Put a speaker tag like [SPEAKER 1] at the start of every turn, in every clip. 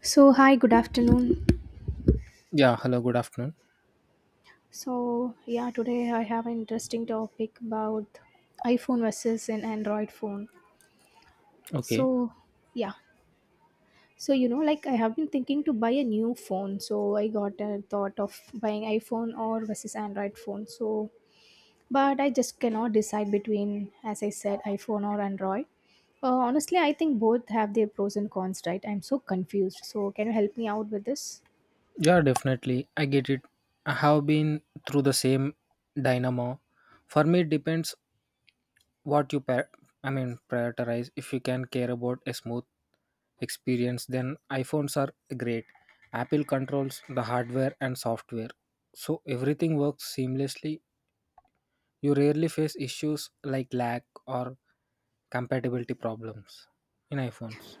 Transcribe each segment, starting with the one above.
[SPEAKER 1] So, hi, good afternoon.
[SPEAKER 2] Yeah, hello, good afternoon.
[SPEAKER 1] Today I have an interesting topic about iPhone versus an Android phone.
[SPEAKER 2] Okay.
[SPEAKER 1] So, yeah. So, you know, like I have been thinking to buy a new phone. So, I got a thought of buying iPhone or versus Android phone. So, but I just cannot decide between, as I said, iPhone or Android. Honestly, I think both have their pros and cons, right? I'm so confused. So, can you help me out with this?
[SPEAKER 2] Yeah, definitely. I get it. I have been through the same dynamo. For me, it depends what you par- prioritize. If you can care about a smooth experience, then iPhones are great. Apple controls the hardware and software. So everything works seamlessly. You rarely face issues like lag or compatibility problems in iPhones.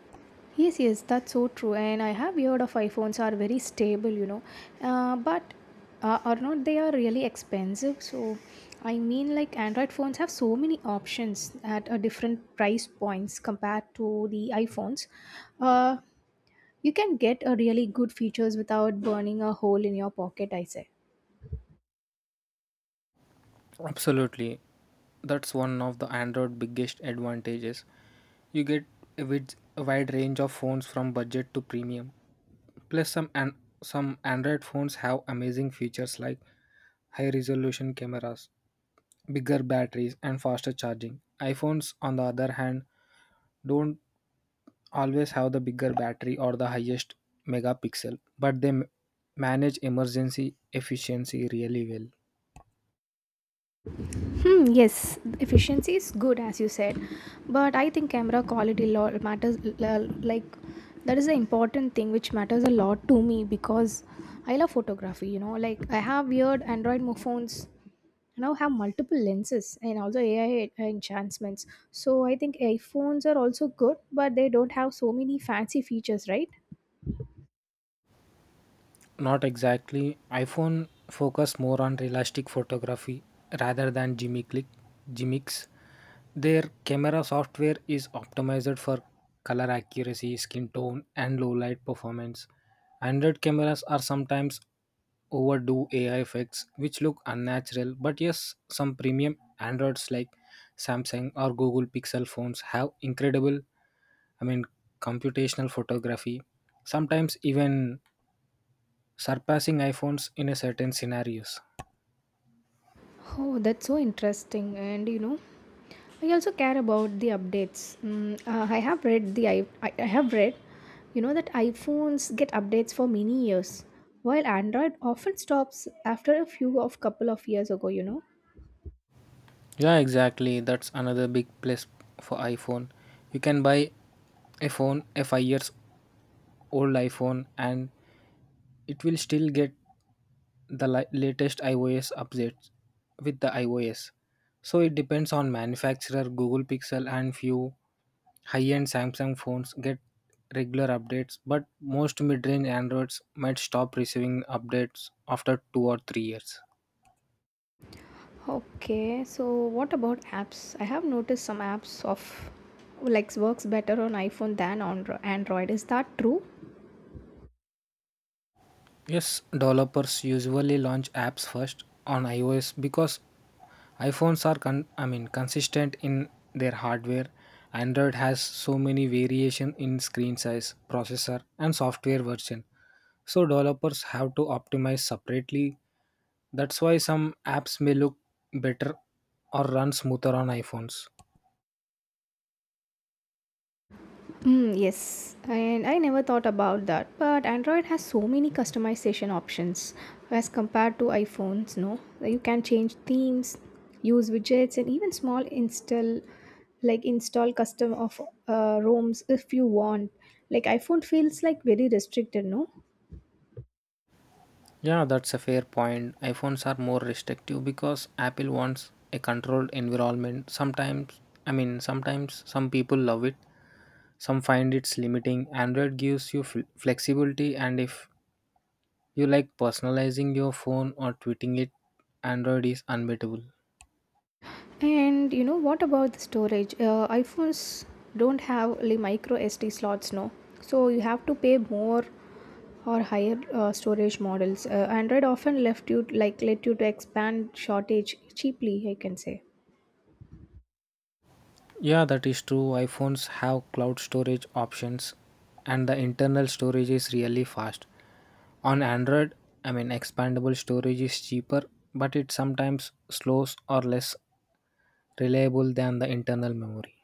[SPEAKER 1] Yes, that's so true. And I have heard of iPhones are very stable, you know, but are not they are really expensive? So, I mean, like Android phones have so many options at a different price points compared to the iPhones. Uh, you can get a really good features without burning a hole in your pocket, I say.
[SPEAKER 2] Absolutely. That's one of the Android biggest advantages. You get a wide range of phones from budget to premium. Plus some Android phones have amazing features like high resolution cameras, bigger batteries and faster charging. iPhones on the other hand don't always have the bigger battery or the highest megapixel, but they manage emergency efficiency really well.
[SPEAKER 1] Hmm, yes, efficiency is good as you said, but I think camera quality lot matters. Like that is the important thing which matters a lot to me because I love photography. You know, like I have weird phones. I now have multiple lenses and also AI enhancements. So I think iPhones are also good, but they don't have so many fancy features, right?
[SPEAKER 2] Not exactly. iPhone focus more on realistic photography rather than gimmicks. Their camera software is optimized for color accuracy, skin tone, and low light performance. Android cameras are sometimes overdo AI effects which look unnatural, but yes, some premium Androids like Samsung or Google Pixel phones have incredible I mean, computational photography, sometimes even surpassing iPhones in a certain scenarios.
[SPEAKER 1] Oh, that's so interesting. And you know, I also care about the updates. I have read the I have read, you know, that iPhones get updates for many years, while Android often stops after a few of couple of years ago, you know.
[SPEAKER 2] Yeah, exactly. That's another big plus for iPhone. You can buy a phone, a 5 years old iPhone and it will still get the latest iOS updates with the iOS. So it depends on manufacturer. Google Pixel and few high-end Samsung phones get regular updates, but most mid-range Androids might stop receiving updates after 2 or 3 years.
[SPEAKER 1] Okay, so what about apps? I have noticed some apps of like works better on iPhone than on Android. Is that true?
[SPEAKER 2] Yes, developers usually launch apps first on iOS because iPhones are consistent in their hardware. Android has so many variation in screen size, processor and software version. So developers have to optimize separately. That's why some apps may look better or run smoother on iPhones.
[SPEAKER 1] Yes, and I never thought about that. But Android has so many customization options as compared to iPhones, no. You can change themes, use widgets, and even small install, like install custom of ROMs if you want. Like iPhone feels like very restricted, no.
[SPEAKER 2] Yeah, that's a fair point. iPhones are more restrictive because Apple wants a controlled environment. Sometimes, some people love it, some find it's limiting. Android gives you flexibility, and if you like personalizing your phone or tweeting it, Android is unbeatable.
[SPEAKER 1] And you know what about the storage? IPhones don't have the micro SD slots, no. So you have to pay more or higher storage models. Android often left you like let you to expand shortage cheaply, I can say.
[SPEAKER 2] Yeah, that is true. iPhones have cloud storage options, and the internal storage is really fast. On Android, expandable storage is cheaper, but it sometimes slows or less reliable than the internal memory.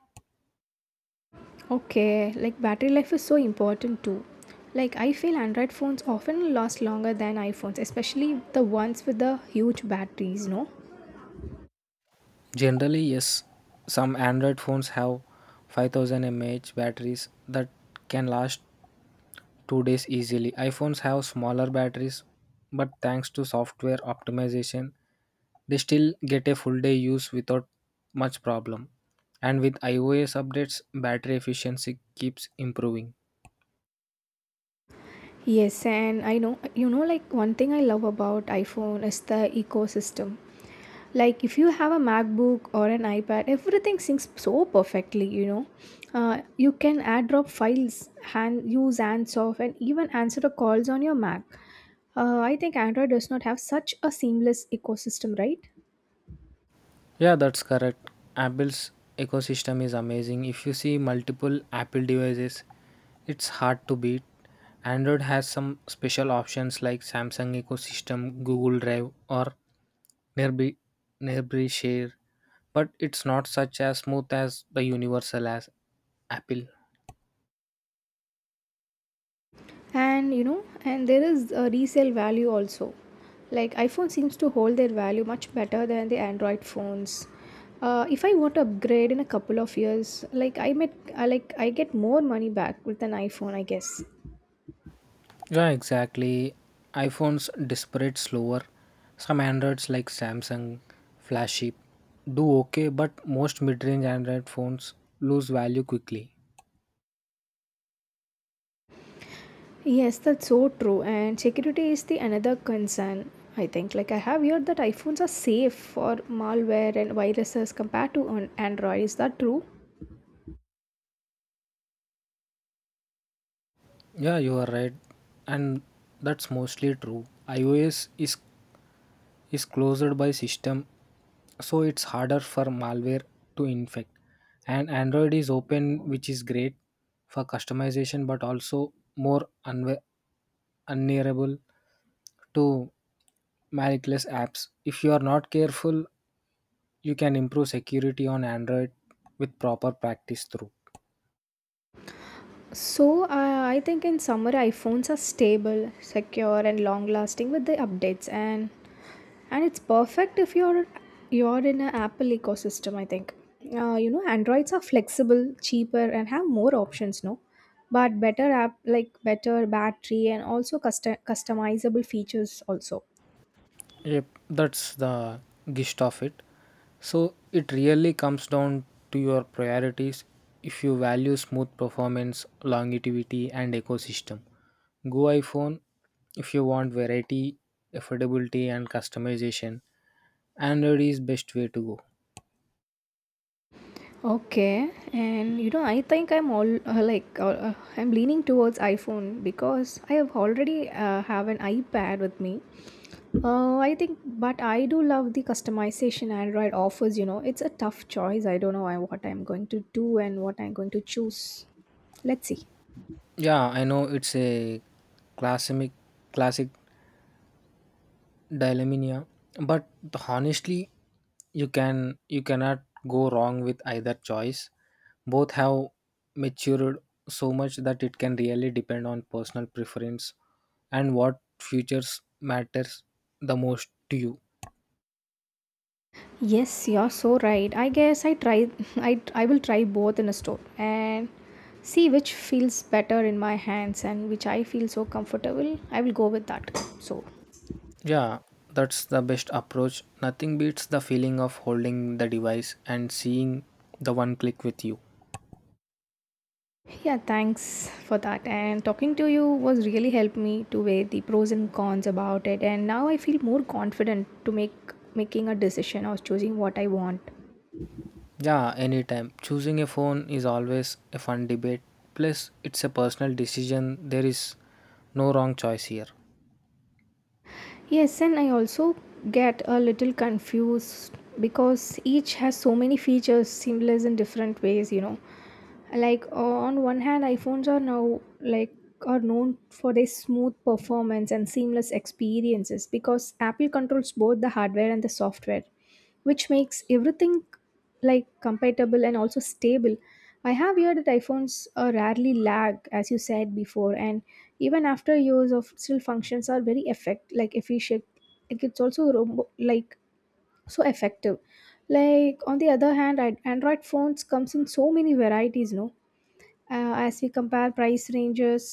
[SPEAKER 1] Okay, like battery life is so important too. Like I feel Android phones often last longer than iPhones, especially the ones with the huge batteries, no?
[SPEAKER 2] Generally, yes, some Android phones have 5,000 mAh batteries that can last 2 days easily. iPhones have smaller batteries, but thanks to software optimization, they still get a full day use without much problem. And with iOS updates, battery efficiency keeps improving.
[SPEAKER 1] Yes, and I know, you know, like one thing I love about iPhone is the ecosystem. Like if you have a MacBook or an iPad, everything syncs so perfectly, you know. You can add drop files, hand, use Ansoff, and even answer the calls on your Mac. I think Android does not have such a seamless ecosystem, right?
[SPEAKER 2] Yeah, that's correct. Apple's ecosystem is amazing. If you see multiple Apple devices, it's hard to beat. Android has some special options like Samsung ecosystem, Google Drive, or Nearby, Nearby Share, but it's not such as smooth as the universal as Apple.
[SPEAKER 1] And you know, and there is a resale value also. Like iPhone seems to hold their value much better than the Android phones. If I want to upgrade in a couple of years, like I met I like I get more money back with an iPhone, I guess.
[SPEAKER 2] Yeah, exactly. iPhones disparate slower. Some Androids like Samsung, Flagship do okay, but most mid-range Android phones lose value quickly.
[SPEAKER 1] Yes, that's so true. And security is the another concern, I think. Like I have heard that iPhones are safe for malware and viruses compared to an Android. Is that true?
[SPEAKER 2] Yeah, you are right, and that's mostly true. iOS is closed by system, so it's harder for malware to infect. And Android is open, which is great for customization, but also more unnearable to malicious apps. If you are not careful, you can improve security on Android with proper practice through.
[SPEAKER 1] So, I think in summer iPhones are stable, secure, and long-lasting with the updates, and it's perfect if you're in an Apple ecosystem. I think, you know, Androids are flexible, cheaper, and have more options, no. But better app like better battery and also custom customizable features also.
[SPEAKER 2] Yep, that's the gist of it. So it really comes down to your priorities. If you value smooth performance, longevity, and ecosystem, go iPhone. If you want variety, affordability, and customization, Android is best way to go.
[SPEAKER 1] Okay, and you know, I think I'm all like I'm leaning towards iPhone because I have already have an iPad with me. I think, but I do love the customization Android offers. You know, it's a tough choice. I don't know what I'm going to do and what I'm going to choose. Let's see.
[SPEAKER 2] Yeah, I know it's a classic classic Dyleminia. But honestly, you cannot go wrong with either choice. Both have matured so much that it can really depend on personal preference and what futures matters the most to you.
[SPEAKER 1] Yes, you're so right. I guess I try. I will try both in a store and see which feels better in my hands and which I feel so comfortable. I will go with that. So.
[SPEAKER 2] Yeah, that's the best approach. Nothing beats the feeling of holding the device and seeing the one click with you.
[SPEAKER 1] Yeah, thanks for that. And talking to you was really helped me to weigh the pros and cons about it. And now I feel more confident to make making a decision or choosing what I want.
[SPEAKER 2] Yeah, anytime. Choosing a phone is always a fun debate. Plus, it's a personal decision. There is no wrong choice here.
[SPEAKER 1] Yes, and I also get a little confused because each has so many features, similar in different ways, you know. Like on one hand iPhones are now like are known for their smooth performance and seamless experiences because Apple controls both the hardware and the software, which makes everything like compatible and also stable. I have heard that iPhones rarely lag as you said before, and even after years of still functions are very effect like efficient. Like it's also like so effective. Like on the other hand Android phones comes in so many varieties, no. As we compare price ranges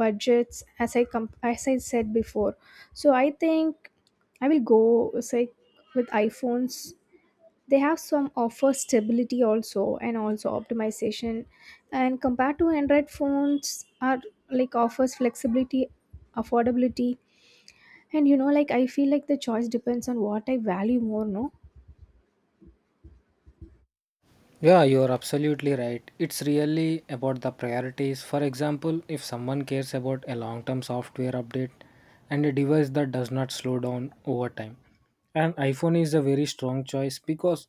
[SPEAKER 1] budgets as as I said before, so I think I will go say with iPhones. They have some offer stability also and also optimization. And compared to Android phones are like offers flexibility, affordability, and you know, like I feel like the choice depends on what I value more, no.
[SPEAKER 2] Yeah, you are absolutely right. It's really about the priorities. For example, if someone cares about a long term software update and a device that does not slow down over time, an iPhone is a very strong choice because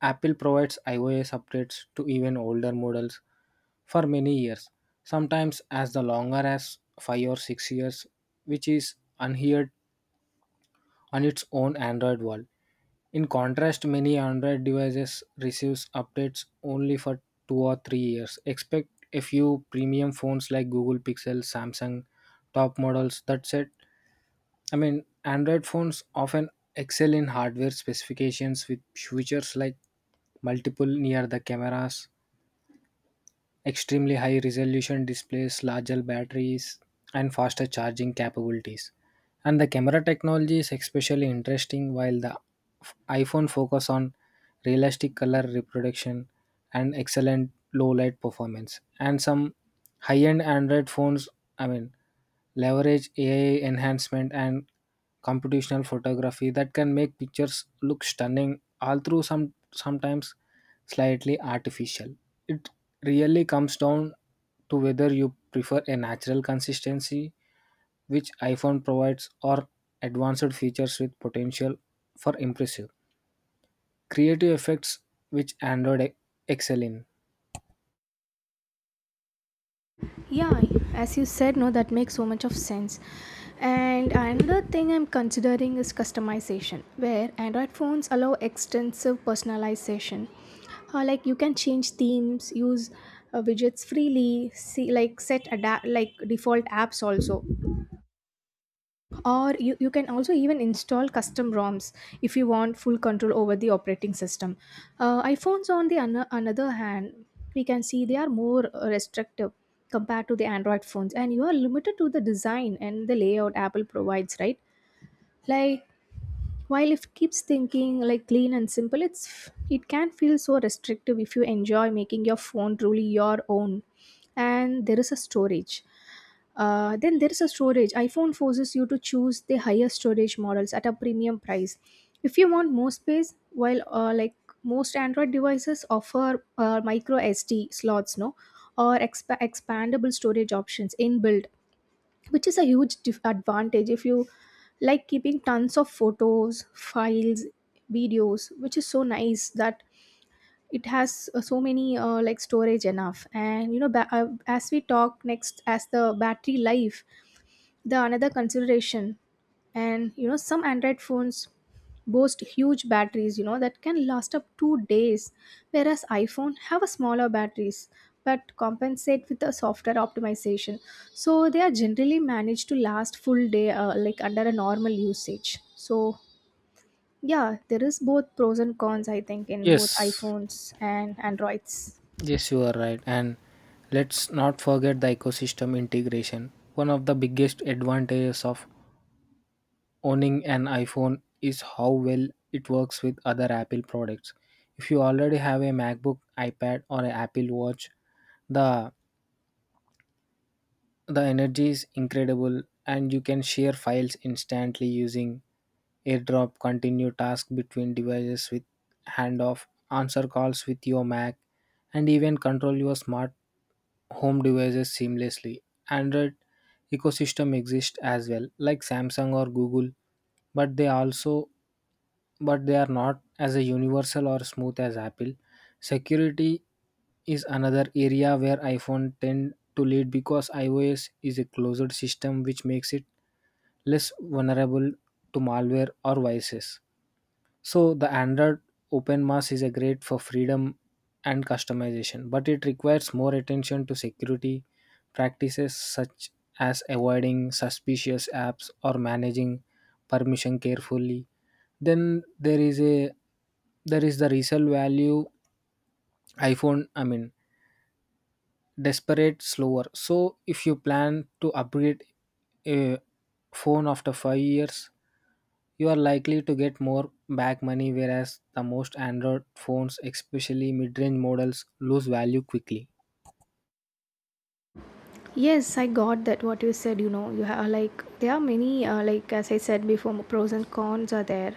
[SPEAKER 2] Apple provides iOS updates to even older models for many years, sometimes as the longer as 5 or 6 years, which is unheard on its own Android world. In contrast, many Android devices receives updates only for 2 or 3 years. Expect a few premium phones like Google Pixel, Samsung top models that said Android phones often excel in hardware specifications with features like multiple near the cameras Extremely high resolution displays, larger batteries, and faster charging capabilities. And the camera technology is especially interesting while the iPhone focus on realistic color reproduction and excellent low light performance. And some high-end Android phones, I mean leverage AI enhancement and computational photography that can make pictures look stunning, although some sometimes slightly artificial. It really comes down to whether you prefer a natural consistency, which iPhone provides, or advanced features with potential for impressive creative effects, which Android excel in.
[SPEAKER 1] Yeah, as you said, no, that makes so much of sense. And another thing I'm considering is customization where Android phones allow extensive personalization. Like you can change themes, use widgets freely, see like set adapt like default apps also. Or you can also even install custom ROMs if you want full control over the operating system. IPhones on the another hand, we can see they are more restrictive compared to the Android phones, and you are limited to the design and the layout Apple provides, right? Like while it keeps thinking like clean and simple, it's it can feel so restrictive if you enjoy making your phone truly your own. And there is a storage. Then there is a storage. iPhone forces you to choose the higher storage models at a premium price if you want more space, while like most Android devices offer micro SD slots, no, or expandable storage options inbuilt, which is a huge advantage if you like keeping tons of photos, files, videos, which is so nice that it has so many like storage enough. And you know, as we talk next, as the battery life, the another consideration. And you know, some Android phones boast huge batteries, you know, that can last up 2 days, whereas iPhone have a smaller batteries but compensate with a software optimization, so they are generally managed to last full day like under a normal usage. So yeah, there is both pros and cons, I think, in both
[SPEAKER 2] Yes,
[SPEAKER 1] iPhones and Androids.
[SPEAKER 2] Yes, you are right. And let's not forget the ecosystem integration. One of the biggest advantages of owning an iPhone is how well it works with other Apple products. If you already have a MacBook, iPad, or an Apple Watch, the the energy is incredible and you can share files instantly using AirDrop, continue tasks between devices with handoff, answer calls with your Mac, and even control your smart home devices seamlessly. Android ecosystem exists as well, like Samsung or Google, but they also but they are not as a universal or smooth as Apple. Security is another area where iPhone tend to lead because iOS is a closed system which makes it less vulnerable to malware or viruses. So the Android OpenMAS is a great for freedom and customization, but it requires more attention to security practices such as avoiding suspicious apps or managing permission carefully. Then there is a there is the resale value iPhone desperate slower so if you plan to upgrade a phone after 5 years you are likely to get more back money whereas the most android phones especially mid-range models lose value quickly.
[SPEAKER 1] Yes, I got that what you said, you know, you have like there are many like as I said before pros and cons are there.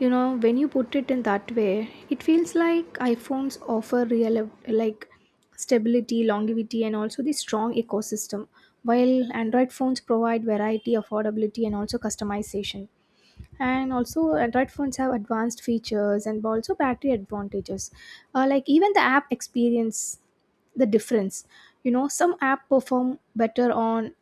[SPEAKER 1] You know, when you put it in that way, it feels like iPhones offer real like stability, longevity and also the strong ecosystem, while Android phones provide variety, affordability and also customization. And also Android phones have advanced features and also battery advantages. Like even the app experience, the difference, you know, some app perform better on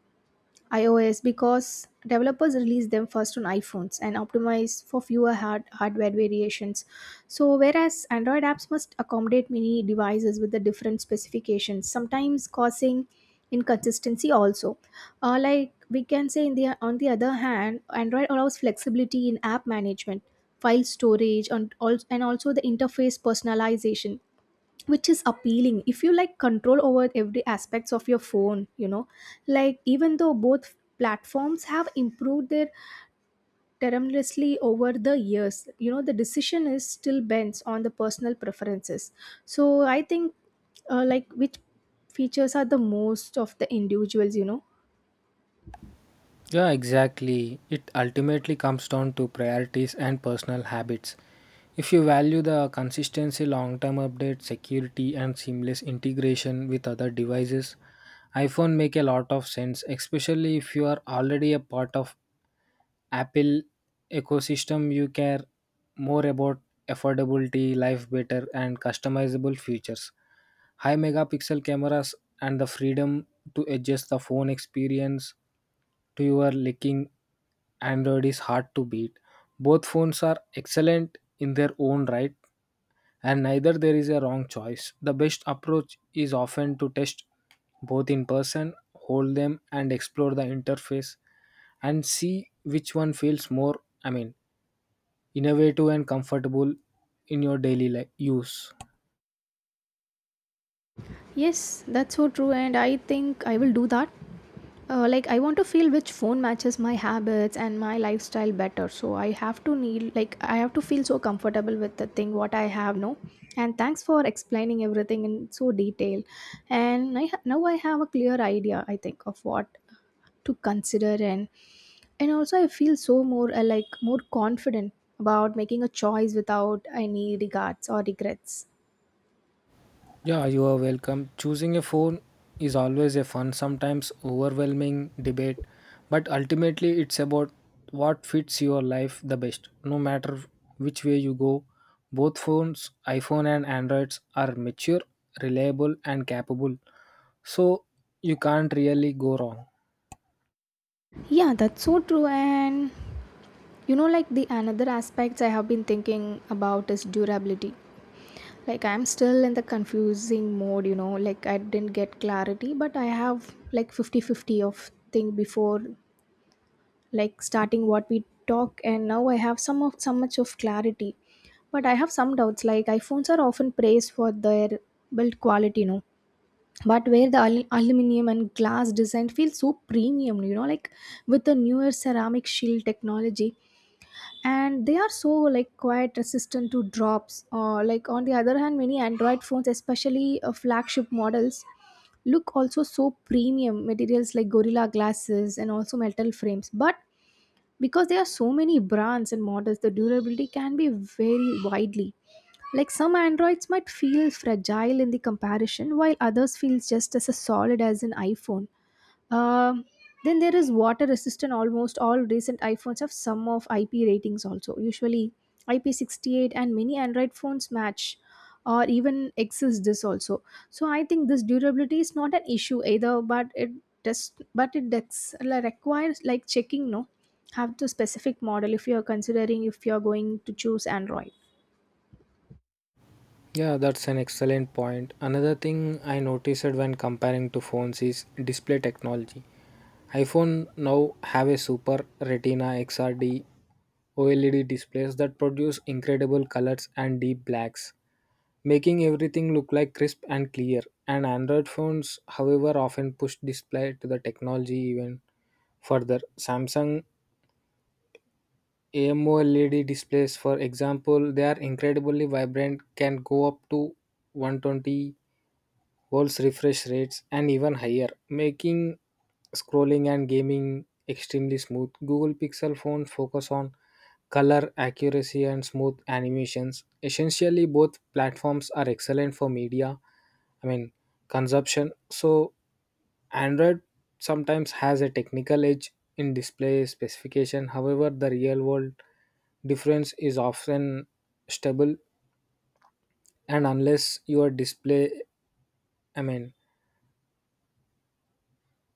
[SPEAKER 1] iOS because developers release them first on iPhones and optimize for fewer hardware variations. So whereas Android apps must accommodate many devices with the different specifications, sometimes causing inconsistency also. Like we can say in the on the other hand Android allows flexibility in app management, file storage, and also the interface personalization, which is appealing if you like control over every aspects of your phone, you know. Like even though both platforms have improved their tremendously over the years, you know, the decision is still bends on the personal preferences. So I think like which features are the most of the individuals, you know.
[SPEAKER 2] Yeah, exactly. It ultimately comes down to priorities and personal habits. If you value the consistency, long term update, security, and seamless integration with other devices, iPhone make a lot of sense, especially if you are already a part of Apple ecosystem, you care more about affordability, life better, and customizable features. High megapixel cameras and the freedom to adjust the phone experience to your licking Android is hard to beat. Both phones are excellent in their own right, and neither there is a wrong choice. The best approach is often to test both in person, hold them, and explore the interface and see which one feels more, innovative and comfortable in your daily use.
[SPEAKER 1] Yes, that's so true, and I think I will do that. Like I want to feel which phone matches my habits and my lifestyle better. So I have to need like I have to feel so comfortable with the thing what I have, no. And thanks for explaining everything in so detail. And now I have a clear idea I think of what to consider, and also I feel so more like more confident about making a choice without any regards or regrets.
[SPEAKER 2] Yeah, you are welcome. Choosing a phone is always a fun, sometimes overwhelming debate, but ultimately it's about what fits your life the best. No matter which way you go, both phones, iPhone and Androids, are mature, reliable, and capable, so you can't really go wrong.
[SPEAKER 1] Yeah, that's so true. And you know, like the another aspects I have been thinking about is durability. Like I'm still in the confusing mode, you know, like I didn't get clarity, but I have like 50-50 of thing before like starting what we talk, and now I have some of some much of clarity. But I have some doubts like iPhones are often praised for their build quality, you know. But where the aluminium and glass design feels so premium, you know, like with the newer ceramic shield technology and they are so like quite resistant to drops, like on the other hand many Android phones, especially flagship models, look also so premium materials like gorilla glasses and also metal frames. But because there are so many brands and models, the durability can be very widely, like some Androids might feel fragile in the comparison, while others feels just as a solid as an iPhone. um, then there is water resistant. Almost all recent iPhones have some of IP ratings also. Usually IP68, and many Android phones match or even exceeds this also. So I think this durability is not an issue either, but it just but it dex, like, requires like checking, no, have to specific model if you're considering, if you're going to choose Android.
[SPEAKER 2] Yeah, that's an excellent point. Another thing I noticed when comparing to phones is display technology. iPhone now have a super retina XRD OLED displays that produce incredible colors and deep blacks, making everything look like crisp and clear. And Android phones, however, often push display to the technology even further. Samsung AMOLED displays, for example, they are incredibly vibrant, can go up to 120 Hz refresh rates and even higher, making scrolling and gaming extremely smooth. Google Pixel phones focus on color accuracy and smooth animations. Essentially, both platforms are excellent for media, I mean, consumption. So, Android sometimes has a technical edge in display specification. However, the real world difference is often stable and unless your display I mean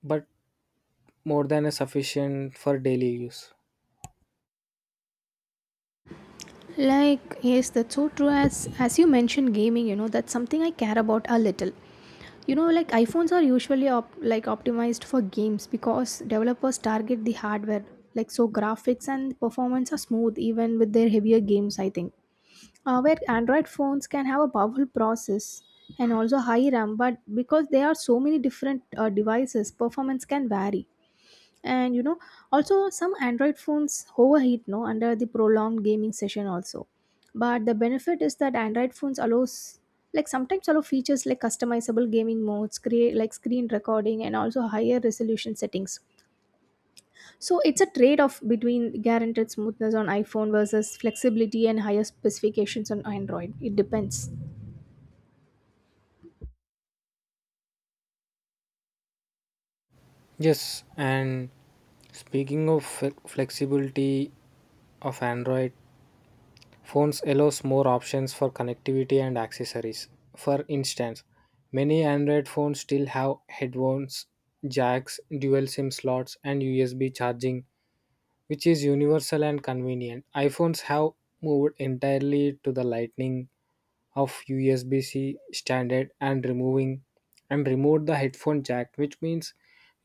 [SPEAKER 2] but more than a sufficient for daily use.
[SPEAKER 1] Like, yes, that's so true. As you mentioned, gaming, you know, that's something I care about a little. You know, like iPhones are usually like optimized for games because developers target the hardware. Like, so graphics and performance are smooth even with their heavier games, I think. Where Android phones can have a powerful process and also high RAM, but because there are so many different devices, performance can vary. And you know, also some Android phones overheat, no, under the prolonged gaming session also. But the benefit is that Android phones allows, like sometimes allow, features like customizable gaming modes, create like screen recording and also higher resolution settings. So it's a trade off between guaranteed smoothness on iPhone versus flexibility and higher specifications on Android. It depends.
[SPEAKER 2] Yes, and speaking of flexibility of Android, phones allows more options for connectivity and accessories. For instance, many Android phones still have headphones, jacks, dual SIM slots, and USB charging, which is universal and convenient. iPhones have moved entirely to the Lightning of USB-C standard and removing and removed the headphone jack, which means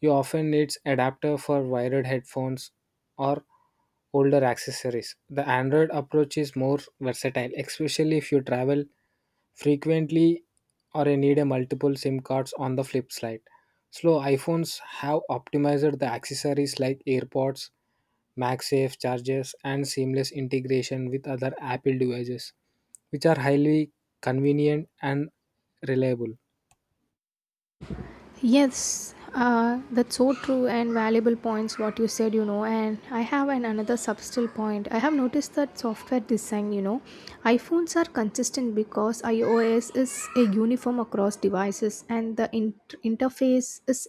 [SPEAKER 2] you often needs adapter for wired headphones or older accessories. The Android approach is more versatile, especially if you travel frequently or you need a multiple SIM cards on the flip side. Slow iPhones have optimized the accessories like AirPods, MagSafe chargers, and seamless integration with other Apple devices which are highly convenient and reliable.
[SPEAKER 1] Yes, that's so true and valuable points what you said, you know. And I have an another subtle point. I have noticed that software design, you know, iPhones are consistent because iOS is a uniform across devices, and the interface is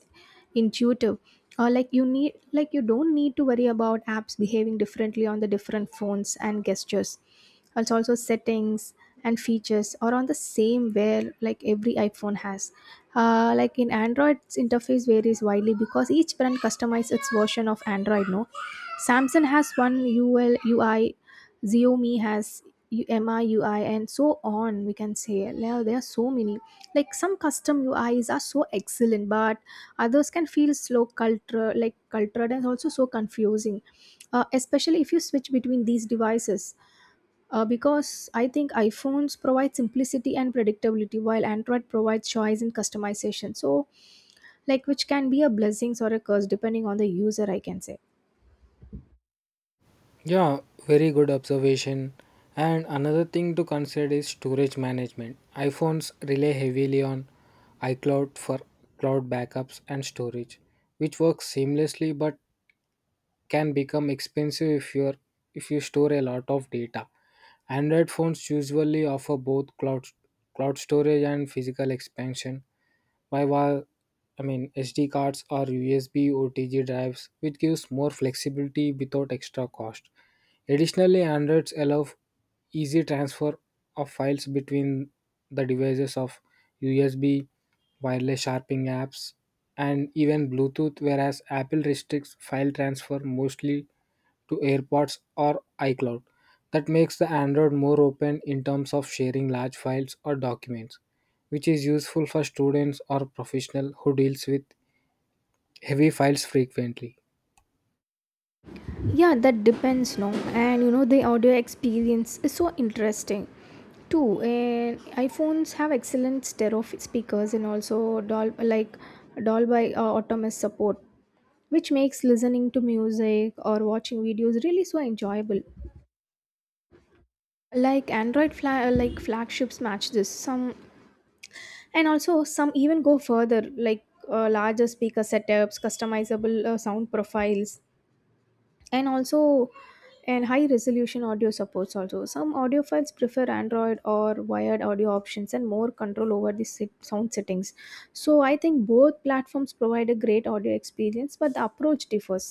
[SPEAKER 1] intuitive. Or like you need, like you don't need to worry about apps behaving differently on the different phones, and gestures also settings and features are on the same where, like every iPhone has. Like in Android's interface varies widely because each brand customizes its version of Android, no. Samsung has one UL UI, Xiaomi has MI UI, and so on. We can say now there are so many. Like some custom UIs are so excellent, but others can feel slow culture, like cultured and also so confusing, especially if you switch between these devices. Because I think iPhones provide simplicity and predictability, while Android provides choice and customization. So, like, which can be a blessing or a curse depending on the user, I can say.
[SPEAKER 2] Yeah, very good observation. And another thing to consider is storage management. iPhones rely heavily on iCloud for cloud backups and storage, which works seamlessly but can become expensive if you store a lot of data. Android phones usually offer both cloud storage and physical expansion, Why while SD cards or USB OTG drives, which gives more flexibility without extra cost. Additionally, Androids allow easy transfer of files between the devices of USB, wireless sharpening apps, and even Bluetooth, whereas Apple restricts file transfer mostly to AirPods or iCloud. That makes the Android more open in terms of sharing large files or documents which is useful for students or professional who deals with heavy files frequently.
[SPEAKER 1] Yeah, that depends, no. And you know, the audio experience is so interesting too. And iPhones have excellent stereo speakers and also Dolby Automus support, which makes listening to music or watching videos really so enjoyable. Like Android flagships match this some, and also some even go further, like larger speaker setups, customizable sound profiles, and also and high resolution audio supports also. Some audiophiles prefer Android or wired audio options and more control over the sound settings. So I think both platforms provide a great audio experience, but the approach differs.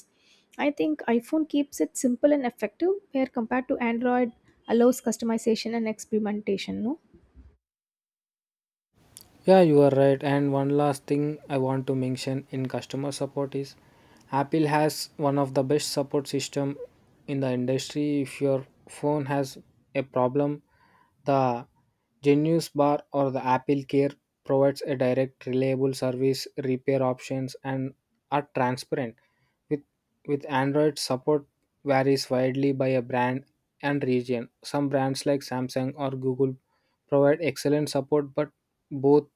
[SPEAKER 1] I think iPhone keeps it simple and effective, where compared to Android allows customization and experimentation, no.
[SPEAKER 2] Yeah, you are right. And one last thing I want to mention in customer support is Apple has one of the best support system in the industry. If your phone has a problem, the Genius Bar or the Apple Care provides a direct, reliable service, repair options, and are transparent. With, with Android, support varies widely by a brand and region. Some brands like Samsung or Google provide excellent support, but both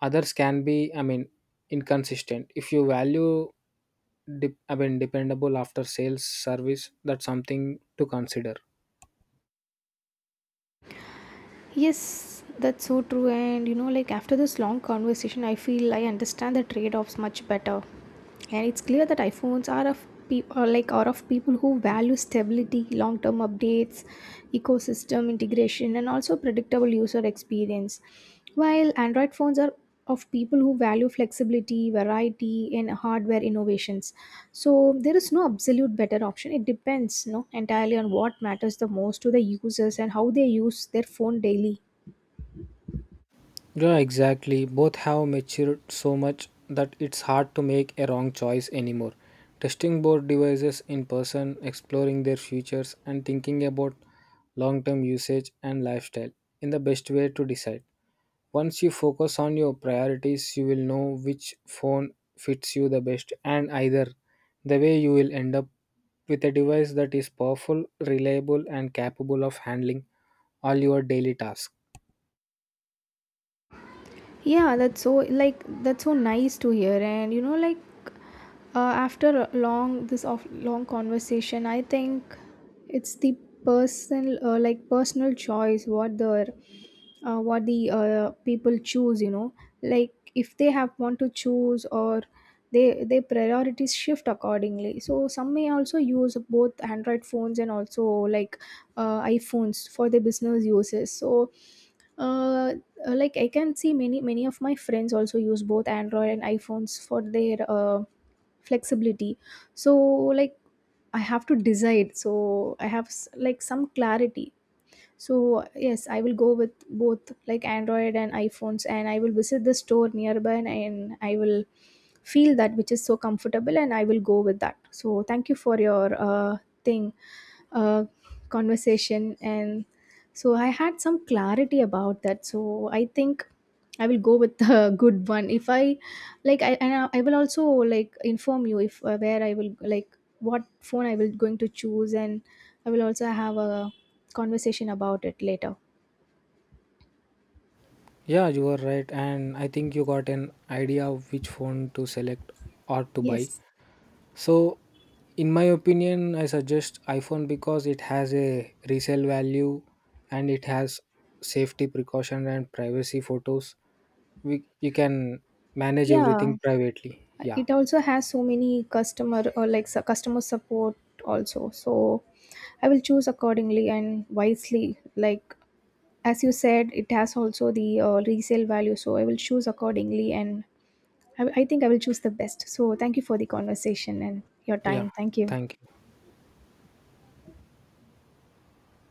[SPEAKER 2] others can be, inconsistent. If you value, dep dependable after sales service, that's something to consider.
[SPEAKER 1] Yes, that's so true. And you know, like after this long conversation, I feel I understand the trade offs much better. And it's clear that iPhones are of pe- or like are of people who value stability, long term updates, ecosystem integration, and also predictable user experience. While Android phones are of people who value flexibility, variety, and hardware innovations. So there is no absolute better option. It depends, you know, entirely on what matters the most to the users and how they use their phone daily.
[SPEAKER 2] Yeah, exactly. Both have matured so much that it's hard to make a wrong choice anymore. Testing both devices in person, exploring their features, and thinking about long term usage and lifestyle in the best way to decide. Once you focus on your priorities, you will know which phone fits you the best, and either the way you will end up with a device that is powerful, reliable, and capable of handling all your daily tasks.
[SPEAKER 1] Yeah, that's so like that's so nice to hear. And you know, like uh, after a long this of long conversation, I think it's the personal personal choice what the people choose, you know. Like if they have want to choose, or they, their priorities shift accordingly, so some may also use both Android phones and also like iPhones for their business uses. So uh, like I can see many many of my friends also use both Android and iPhones for their flexibility. So like I have to decide, so I have some clarity. So yes, I will go with both, like Android and iPhones, and I will visit the store nearby, and I will feel that which is so comfortable and I will go with that. So thank you for your thing, uh, conversation. And so I had some clarity about that. So I think I will go with the good one. If I, like I and I will also like inform you, if where I will like what phone I will going to choose. And I will also have a conversation about it later.
[SPEAKER 2] Yeah, you are right, and I think you got an idea of which phone to select or to buy.
[SPEAKER 1] Yes.
[SPEAKER 2] So, in my opinion, I suggest iPhone because it has a resale value and it has safety precaution and privacy photos. We, you can manage
[SPEAKER 1] Yeah.
[SPEAKER 2] everything privately. Yeah,
[SPEAKER 1] It also has so many customer, or like customer support also. So I will choose accordingly and wisely. Like as you said, it has also the resale value. So I will choose accordingly, and I think I will choose the best. So thank you for the conversation and your
[SPEAKER 2] yeah.
[SPEAKER 1] time. Thank you.
[SPEAKER 2] Thank you.